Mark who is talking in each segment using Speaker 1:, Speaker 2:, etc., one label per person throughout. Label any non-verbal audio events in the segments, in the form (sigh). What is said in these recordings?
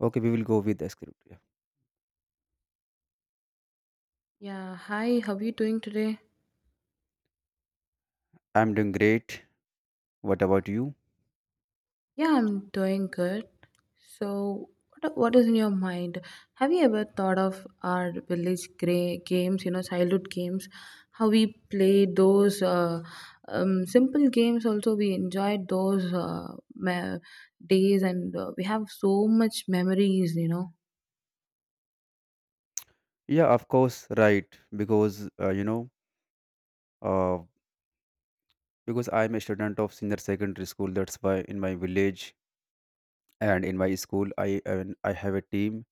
Speaker 1: Okay, we will go with the script. Yeah.
Speaker 2: Yeah, hi, how are you doing today?
Speaker 1: I'm doing great. What about you?
Speaker 2: Yeah, I'm doing good. So, what is in your mind? Have you ever thought of our village games, you know, childhood games? How we played those simple games, also, we enjoyed those days, and we have so much memories, you know.
Speaker 1: Yeah, of course, right. Because uh, you know, uh, because I'm a student of senior secondary school. That's why in my village and in my school, I have a team.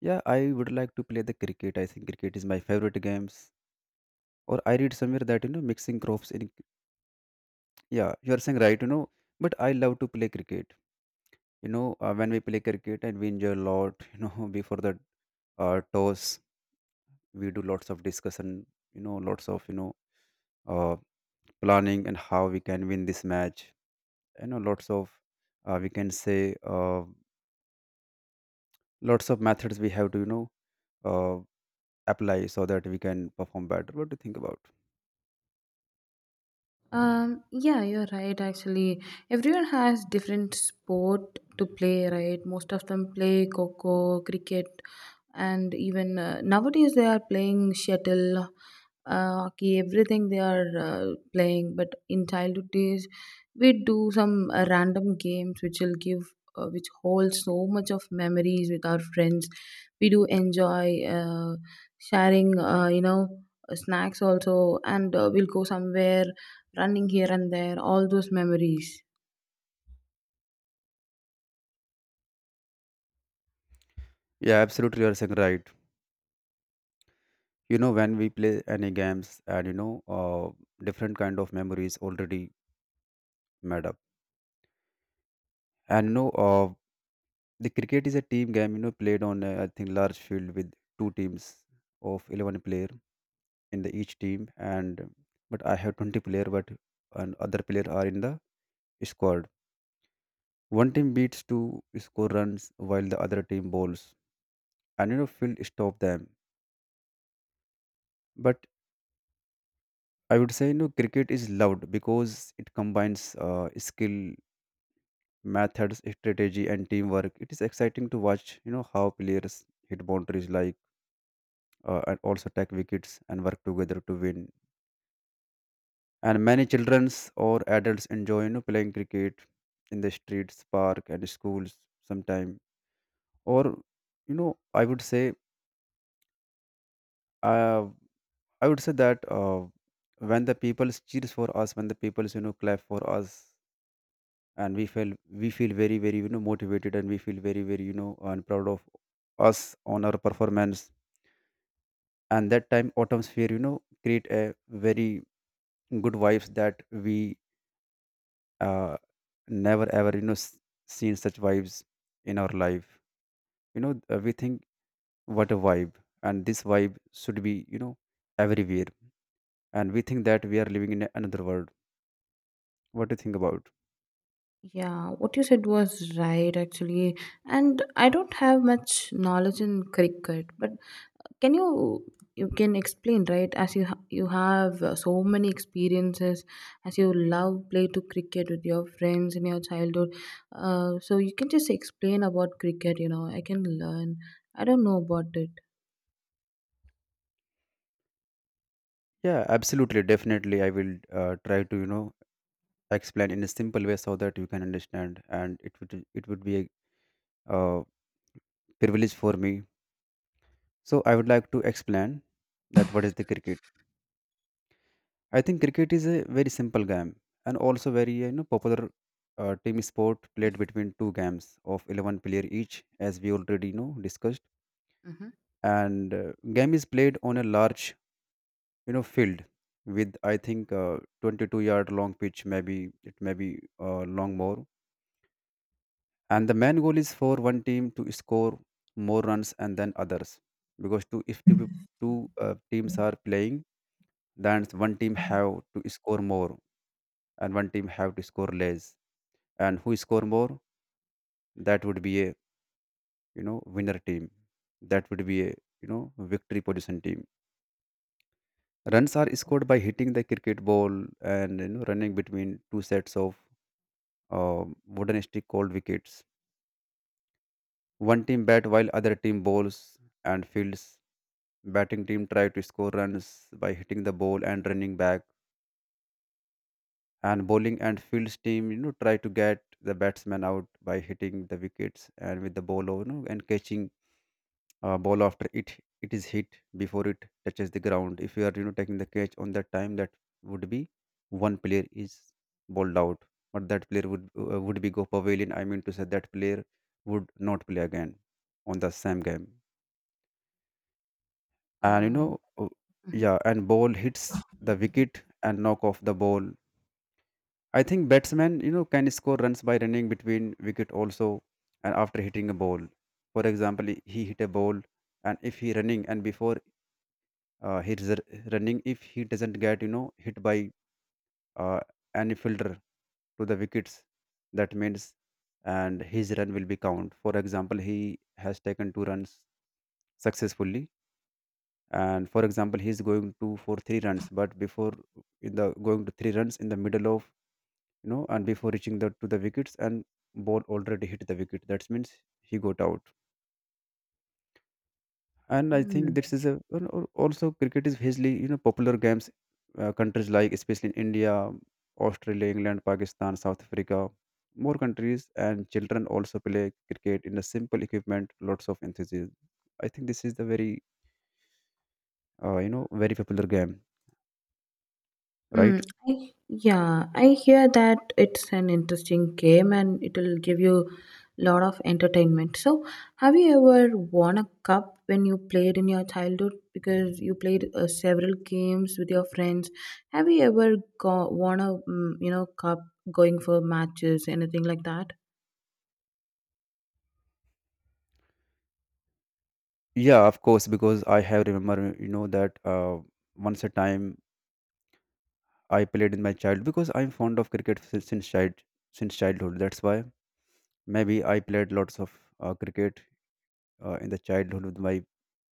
Speaker 1: Yeah, I would like to play the cricket. I think cricket is my favorite games. Or I read somewhere that mixing crops in. Yeah, you are saying right. But I love to play cricket. When we play cricket and we enjoy a lot. (laughs) Before the toss, we do lots of discussion, lots of, uh, planning, and how we can win this match, lots of, we can say, lots of methods we have to, uh, apply, so that we can perform better. What do you think about?
Speaker 2: Yeah, you're right. Actually, everyone has different sport to play, right? Most of them play coco, cricket, and even nowadays they are playing shuttle, hockey, everything they are playing. But in childhood days, we do some random games which will which hold so much of memories with our friends. We do enjoy sharing, snacks also, and we'll go somewhere running here and there, all those memories.
Speaker 1: Yeah, absolutely, you're saying right. You know, when we play any games, and different kind of memories already made up. And the cricket is a team game, played on a, I think, large field with two teams of 11 player in the each team, and but I have 20 player, but and other player are in the squad. One team beats to score runs while the other team bowls, and field stop them. But I would say, cricket is loved because it combines skill, methods, strategy, and teamwork. It is exciting to watch, how players hit boundaries like, and also take wickets and work together to win, and many childrens or adults enjoy, playing cricket in the streets park and schools sometime. Or, you know i would say uh, I would say that, when the people cheers for us, when the people, clap for us, and we feel very very, motivated, and we feel very very, and proud of us on our performance. And that time autumn sphere, create a very good vibes, that we, uh, never ever, seen such vibes in our life. You know, we think, what a vibe. And this vibe should be, everywhere. And we think that we are living in another world. What do you think about?
Speaker 2: Yeah, what you said was right actually. And I don't have much knowledge in cricket, but can you you can explain right as you you have so many experiences as you love play to cricket with your friends in your childhood. So you can just explain about cricket, you know. I can learn. I don't know about it.
Speaker 1: Yeah, absolutely, definitely I will try to, explain in a simple way so that you can understand. And it would be a, uh, privilege for me. So I would like to explain that, what is the cricket. I think cricket is a very simple game, and also very, popular team sport played between two games of 11 player each, as we already discussed.
Speaker 2: Mm-hmm.
Speaker 1: And, game is played on a large, field, with, I think, 22-yard long pitch, maybe it may be, long more. And the main goal is for one team to score more runs and then others. Because two, if two teams are playing, then one team have to score more, and one team have to score less, and who score more, that would be a, winner team. That would be a, victory position team. Runs are scored by hitting the cricket ball, and running between two sets of, wooden stick called wickets. One team bat while other team bowls and fields. Batting team try to score runs by hitting the ball and running back. And bowling and fields team, try to get the batsman out by hitting the wickets and with the ball, and catching ball after it is hit, before it touches the ground. If you are, taking the catch on that time, that would be, one player is bowled out. But that player would would be go pavilion. I mean to say, that player would not play again on the same game. And,
Speaker 2: Uh,
Speaker 1: yeah, and ball hits the wicket and knock off the ball. I think batsmen, can score runs by running between wicket also, and after hitting a ball. For example, he hit a ball, and if he running, and before, uh, he is r- running, if he doesn't get, hit by uh, any fielder, to the wickets, that means, and his run will be count. For example, he has taken two runs successfully. And for example, he is going to for three runs, but before, in the going to three runs, in the middle of, and before reaching the to the wickets, and ball already hit the wicket, that means he got out. And I think
Speaker 2: mhm.
Speaker 1: this is a, also cricket is hugely, popular games, countries like, especially in India, Australia, England, Pakistan, South Africa, more countries, and children also play cricket in a simple equipment, lots of enthusiasm. I think this is the very, very popular game,
Speaker 2: Mm,
Speaker 1: right?
Speaker 2: yeah, I hear that it's an interesting game and it'll give you a lot of entertainment. So, have you ever won a cup when you played in your childhood? Because you played several games with your friends. Have you ever go won a mm, you know cup going for matches, anything like that?
Speaker 1: Yeah, of course, because I have remember, that, once a time I played in my child, because I'm fond of cricket since childhood. That's why maybe I played lots of, cricket, in the childhood with my,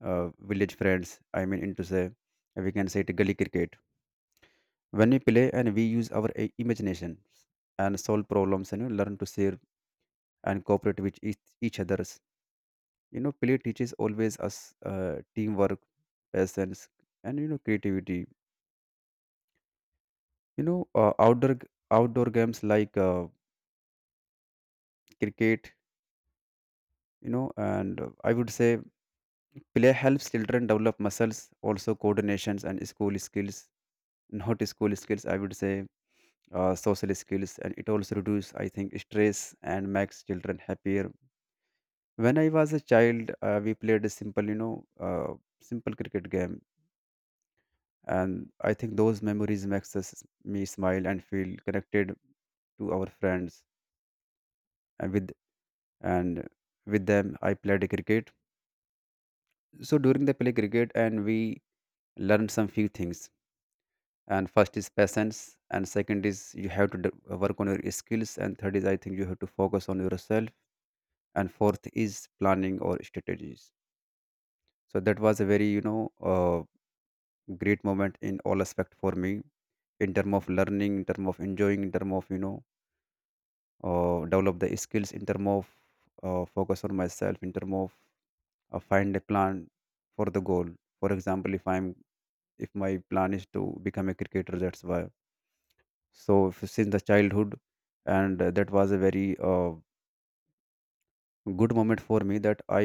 Speaker 1: village friends. I mean, into say, we can say it gully cricket. When we play and we use our imagination and solve problems, and learn to share and cooperate with each others. Play teaches always us, teamwork, patience, and creativity. Outdoor outdoor games like, cricket. And, I would say play helps children develop muscles, also coordinations and school skills. Not school skills, I would say, social skills, and it also reduces, I think, stress and makes children happier. When I was a child, we played a simple, simple cricket game, and I think those memories makes us, me smile and feel connected to our friends, and with and them I played cricket. So during the play cricket, and we learned some few things. And first is patience, and second is you have to work on your skills, and third is, I think, you have to focus on yourself, and fourth is planning or strategies. So that was a very, great moment in all aspect for me, in term of learning, in term of enjoying, in term of, develop the skills, in term of, focus on myself, in term of, find a plan for the goal. For example, if my plan is to become a cricketer, that's why, so since the childhood. And, that was a very, good moment for me, that i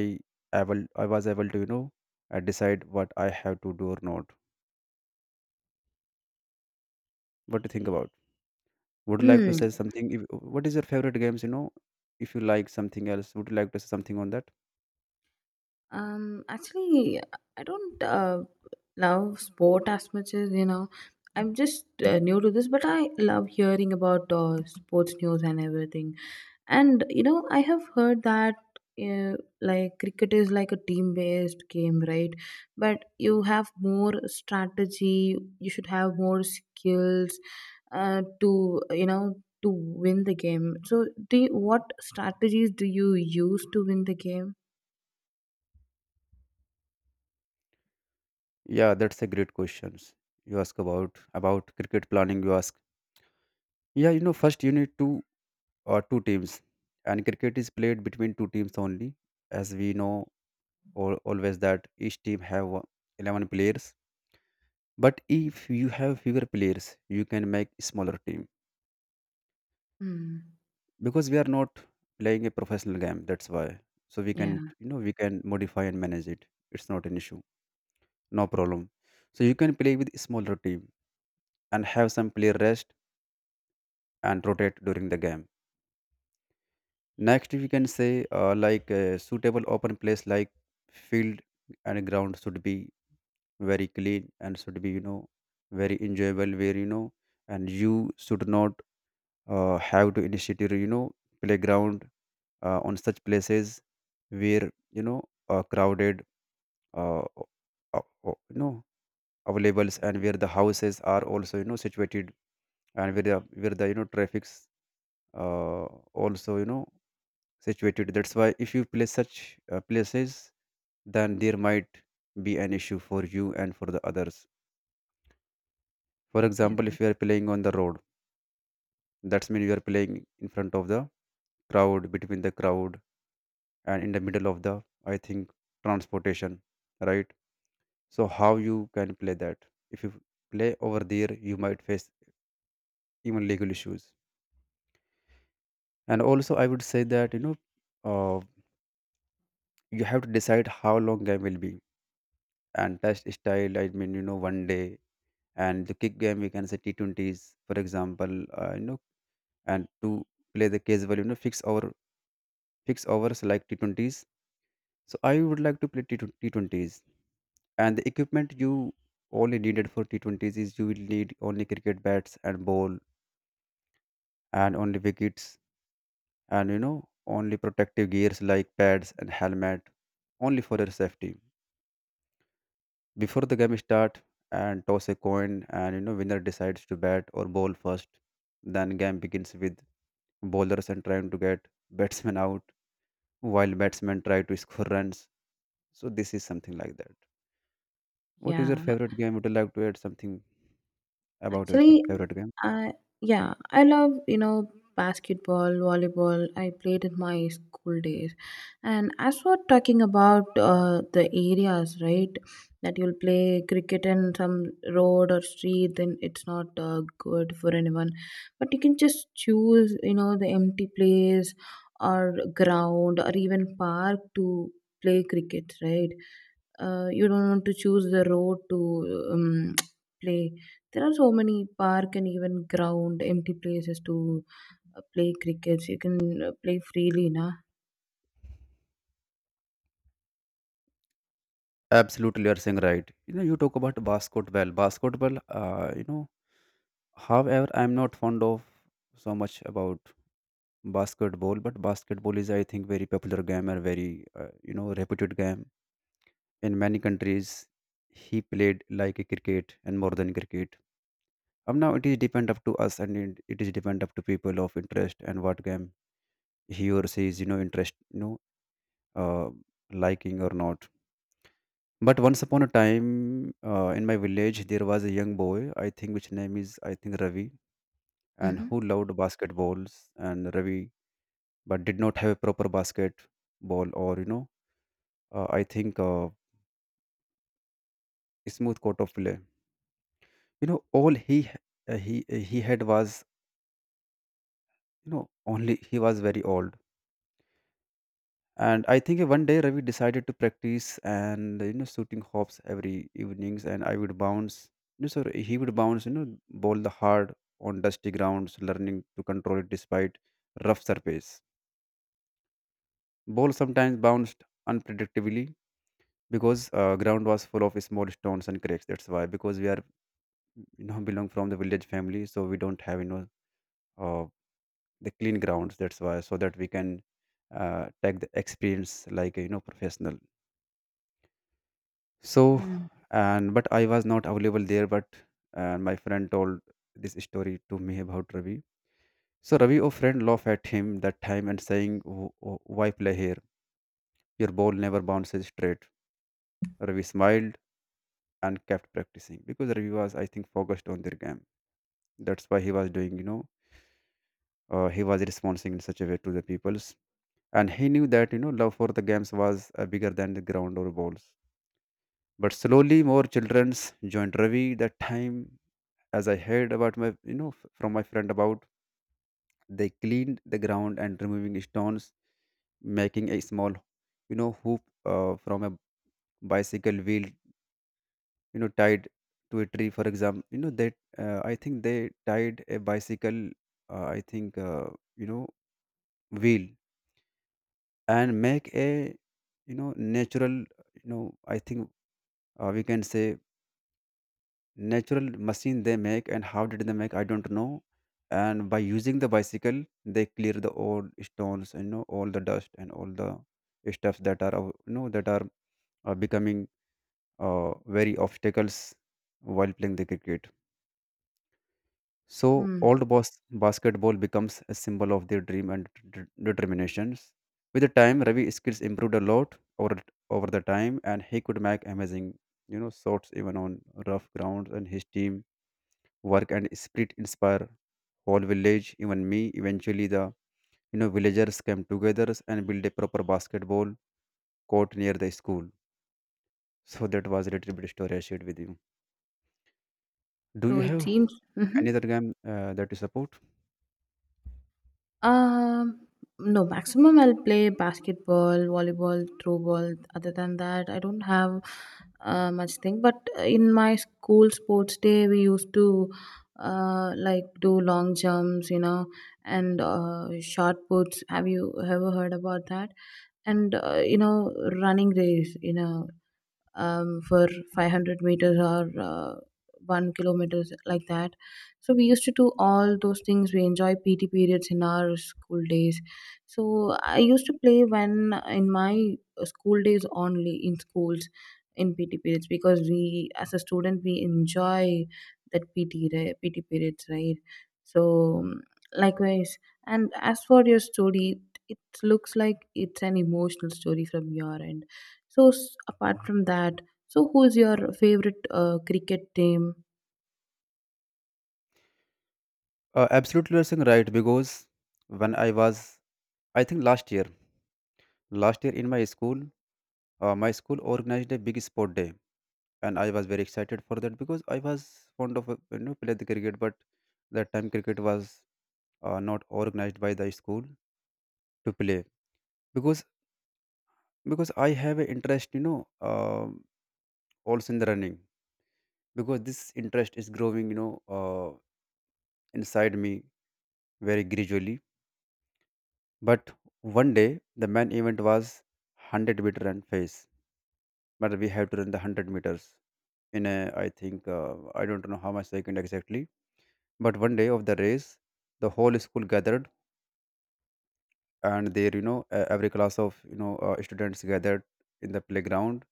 Speaker 1: able i was able to, decide what I have to do or not. What do you think about? Would you like to
Speaker 2: Hmm.
Speaker 1: say something? If, what is your favorite games, if you like something else, would you like to say something on that?
Speaker 2: Actually, I don't love sport as much as you know. I'm just new to this, but I love hearing about sports news and everything. And you know, I have heard that like cricket is like a team-based game, right? But you have more strategy. You should have more skills to you know to win the game. So, what strategies do you use to win the game?
Speaker 1: Yeah, that's a great questions you ask. About cricket planning you ask. Yeah, first you need, two teams, and cricket is played between two teams only, as we know, or always, that each team have, 11 players, but if you have fewer players you can make smaller team,
Speaker 2: Hmm.
Speaker 1: because we are not playing a professional game, that's why, so we can
Speaker 2: Yeah.
Speaker 1: you know we can modify and manage it. It's not an issue, no problem. So you can play with smaller team, and have some player rest, and rotate during the game. Next, we can say, like a suitable open place, like field. And ground should be very clean, and should be, very enjoyable, where, and you should not, have to initiate your, playground, on such places where, crowded, uh, o- o- o- you know availables, and where the houses are also, situated, and where the, traffics, uh, also, situated. That's why if you place such, places, then there might be an issue for you and for the others. For
Speaker 2: Yeah,
Speaker 1: example, if you are playing on the road, that's mean you are playing in front of the crowd, between the crowd, and in the middle of the, I think, transportation, right? So how you can play that? If you play over there, you might face even legal issues. And also, I would say that, uh, you have to decide how long game will be, and test style. I mean, one day, and the kick game we can say T20s, for example. And to play the casual, fix overs like T20s. So I would like to play T20s, and the equipment you only needed for T20s is you will need only cricket bats and ball and only wickets and only protective gears like pads and helmet only for your safety before the game start, and toss a coin and winner decides to bat or bowl first. Then game begins with bowlers and trying to get batsmen out while batsmen try to score runs. So this is something like that. What is your
Speaker 2: yeah.
Speaker 1: favorite game? Would you like to add something about your
Speaker 2: Actually,
Speaker 1: favorite game?
Speaker 2: I yeah, I love you know basketball, volleyball. I played in my school days, and as we're talking about the areas, right? That you'll play cricket in some road or street, then it's not good for anyone. But you can just choose, you know, the empty place or ground or even park to play cricket, right? You don't want to choose the road to (tsk) play there are so many park and even ground, empty places to play cricket. You can play freely, na.
Speaker 1: Absolutely, you are saying right. You know you talk about basketball, basketball. However, I'm not fond of so much about basketball, but basketball is, I think, very popular game and very, reputed game in many countries. He played like a cricket and more than cricket. Now it is depend up to us, and it is depend up to people of interest and what game he or she is, interest, uh, liking or not. But once upon a time, in my village there was a young boy, I think, which name is, I think, Ravi, and
Speaker 2: Mm-hmm.
Speaker 1: who loved basketballs. And Ravi, but did not have a proper basketball or, I think, smooth coat of play. You know, all he he had was, you know, only he was very old. And I think one day Ravi decided to practice and, shooting hops every evenings, and I would bounce. You know, so he would bounce. You know, bowl the hard on dusty grounds, learning to control it despite rough surface. Ball sometimes bounced unpredictably because ground was full of small stones and cracks. That's why, because we are, you know, belong from the village family, so we don't have, uh, the clean grounds. That's why, so that we can take the experience like a, you know, professional. So,
Speaker 2: Mm-hmm.
Speaker 1: and but I was not available there. But my friend told this story to me about Ravi. So Ravi or friend laughed at him that time, and saying, Why play here? Your ball never bounces straight." Ravi smiled and kept practicing, because Ravi was, I think, focused on their game. That's why he was doing, he was responding in such a way to the peoples. And he knew that, you know, love for the games was, bigger than the ground or balls. But slowly more childrens joined Ravi that time, as I heard about my, you know, from my friend about. They cleaned the ground and removing stones, making a small, you know, hoop from a bicycle wheel, you know, tied to a tree, for example. You know that, I think they tied a bicycle, I think you know wheel, and make a, you know, natural, you know I think we can say natural machine they make. And how did they make, I don't know. And by using the bicycle, they clear the old stones, you know, all the dust and all the stuff that are, that are becoming uh, very obstacles while playing the cricket. So
Speaker 2: Mm.
Speaker 1: old boss basketball becomes a symbol of their dream and determinations. With the time, Ravi's skills improved a lot over the time, and he could make amazing, you know, shots even on rough grounds. And his team work and spirit inspire whole village, even me. Eventually, the, you know, villagers came together and built a proper basketball court near the school. So that was a little bit story I shared with you. Do
Speaker 2: So
Speaker 1: you
Speaker 2: it
Speaker 1: have
Speaker 2: seems.
Speaker 1: any
Speaker 2: Mhm.
Speaker 1: other game that you support?
Speaker 2: Um, no, maximum I'll play basketball, volleyball, throw ball. Other than that, I don't have much thing. But in my school sports day, we used to like do long jumps, you know, and shot puts. Have you ever heard about that? And you know, running race, you know, for 500 meters or 1 kilometers like that. So we used to do all those things. We enjoy PT periods in our school days. So I used to play when in my school days only in schools in PT periods because we as a student we enjoy that PT right, PT periods right. So, likewise, and as for your story, it looks like it's an emotional story from your end so apart from that, so who's your favorite cricket team?
Speaker 1: Absolutely, you're saying right. Because when I was, I think, last year, in my school, my school organized a big sport day, and I was very excited for that because I was fond of, play the cricket. But that time cricket was, not organized by the school to play. Because, I have an interest, you know, also in the running, because this interest is growing, you know, inside me very gradually. But one day the main event was 100 meter run phase, but we have to run the 100 meters in a, I think, I don't know how much second exactly. But one day of the race, the whole school gathered, and there, you know, every class of, students gathered in the playground,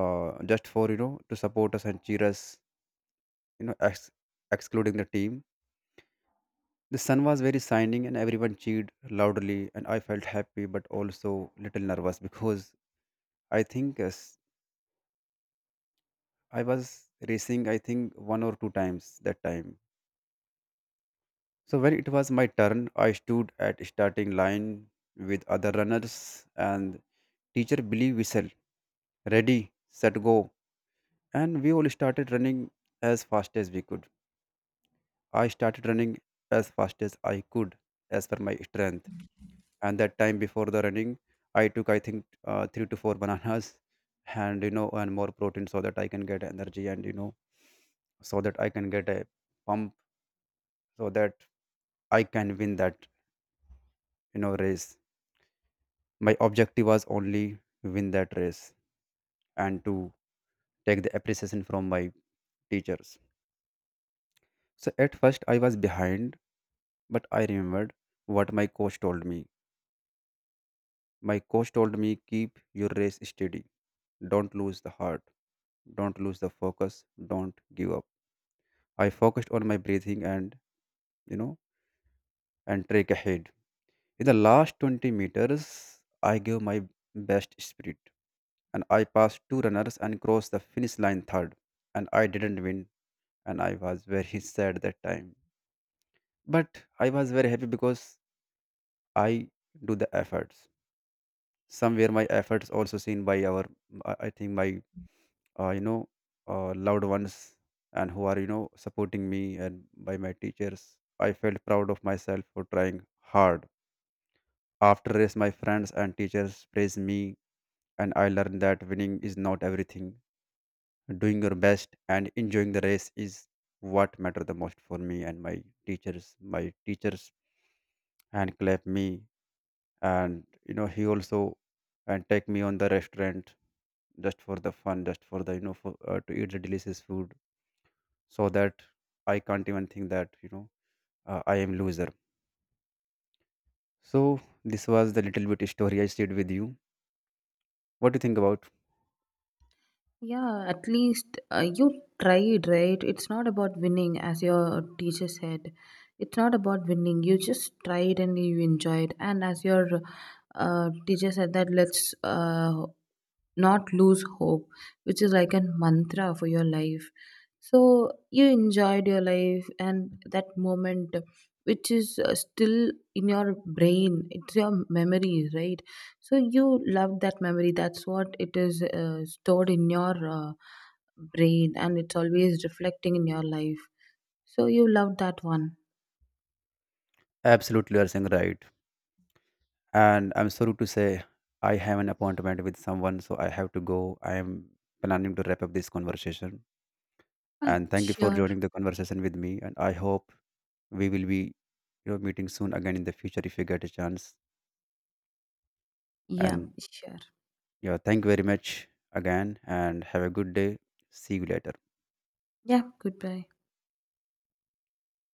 Speaker 1: just for, you know, to support us and cheer us, you know, excluding the team. The sun was very shining and everyone cheered loudly, and I felt happy but also little nervous because, I think, yes, I was racing, I think, one or two times that time. So when it was my turn, I stood at starting line with other runners, and teacher Billy whistled, "Ready, set, go!" And we all started running as fast as we could. I started running as fast as I could as per my strength. And that time before the running, I took, I think, 3 to 4 bananas (laughs) and, you know, and more protein, so that I can get energy, and you know, so that I can get a pump, so that I can win that, you know, race. My objective was only win that race and to take the appreciation from my teachers. So at first I was behind, but I remembered what my coach told me. My coach told me, keep your race steady. Don't lose the heart. Don't lose the focus. Don't give up. I focused on my breathing and, you know, and track ahead. In the last 20 meters, I gave my best spirit, and I passed two runners and crossed the finish line third. And I didn't win, and I was very (laughs) sad that time. But I was very happy because I do the efforts. Somewhere my efforts also seen by our, I think my, uh, you know loved ones, and who are, you know, supporting me, and by my teachers. I felt proud of myself for trying hard. After race, my friends and teachers praised me, and I learned that winning is not everything. Doing your best and enjoying the race is what matter the most for me. And my teachers, and clap me, and you know, he also, and take me on the restaurant just for the fun, just for the, to eat the delicious food, so that I can't even think that, I am loser. So this was the little bit story I shared with you. What do you think about?
Speaker 2: Yeah, at least you tried, right? It's not about winning, as your teacher said. It's not about winning. You just tried and you enjoyed. And as your teacher said that let's not lose hope, which is like a mantra for your life. So you enjoyed your life and that moment, which is still in your brain, it's your memory, right? So you love that memory. That's what it is stored in your brain and it's always reflecting in your life. So you love that one.
Speaker 1: Absolutely, you are saying right. And I'm sorry to say I have an appointment with someone, so I have to go. I am planning to wrap up this conversation.
Speaker 2: I'm
Speaker 1: And thank you for
Speaker 2: sure.
Speaker 1: joining the conversation with me. And I hope we will be, meeting soon again in the future if you get a chance.
Speaker 2: Yeah,
Speaker 1: And
Speaker 2: sure.
Speaker 1: yeah, thank you very much again, and have a good day. See you later.
Speaker 2: Yeah, goodbye.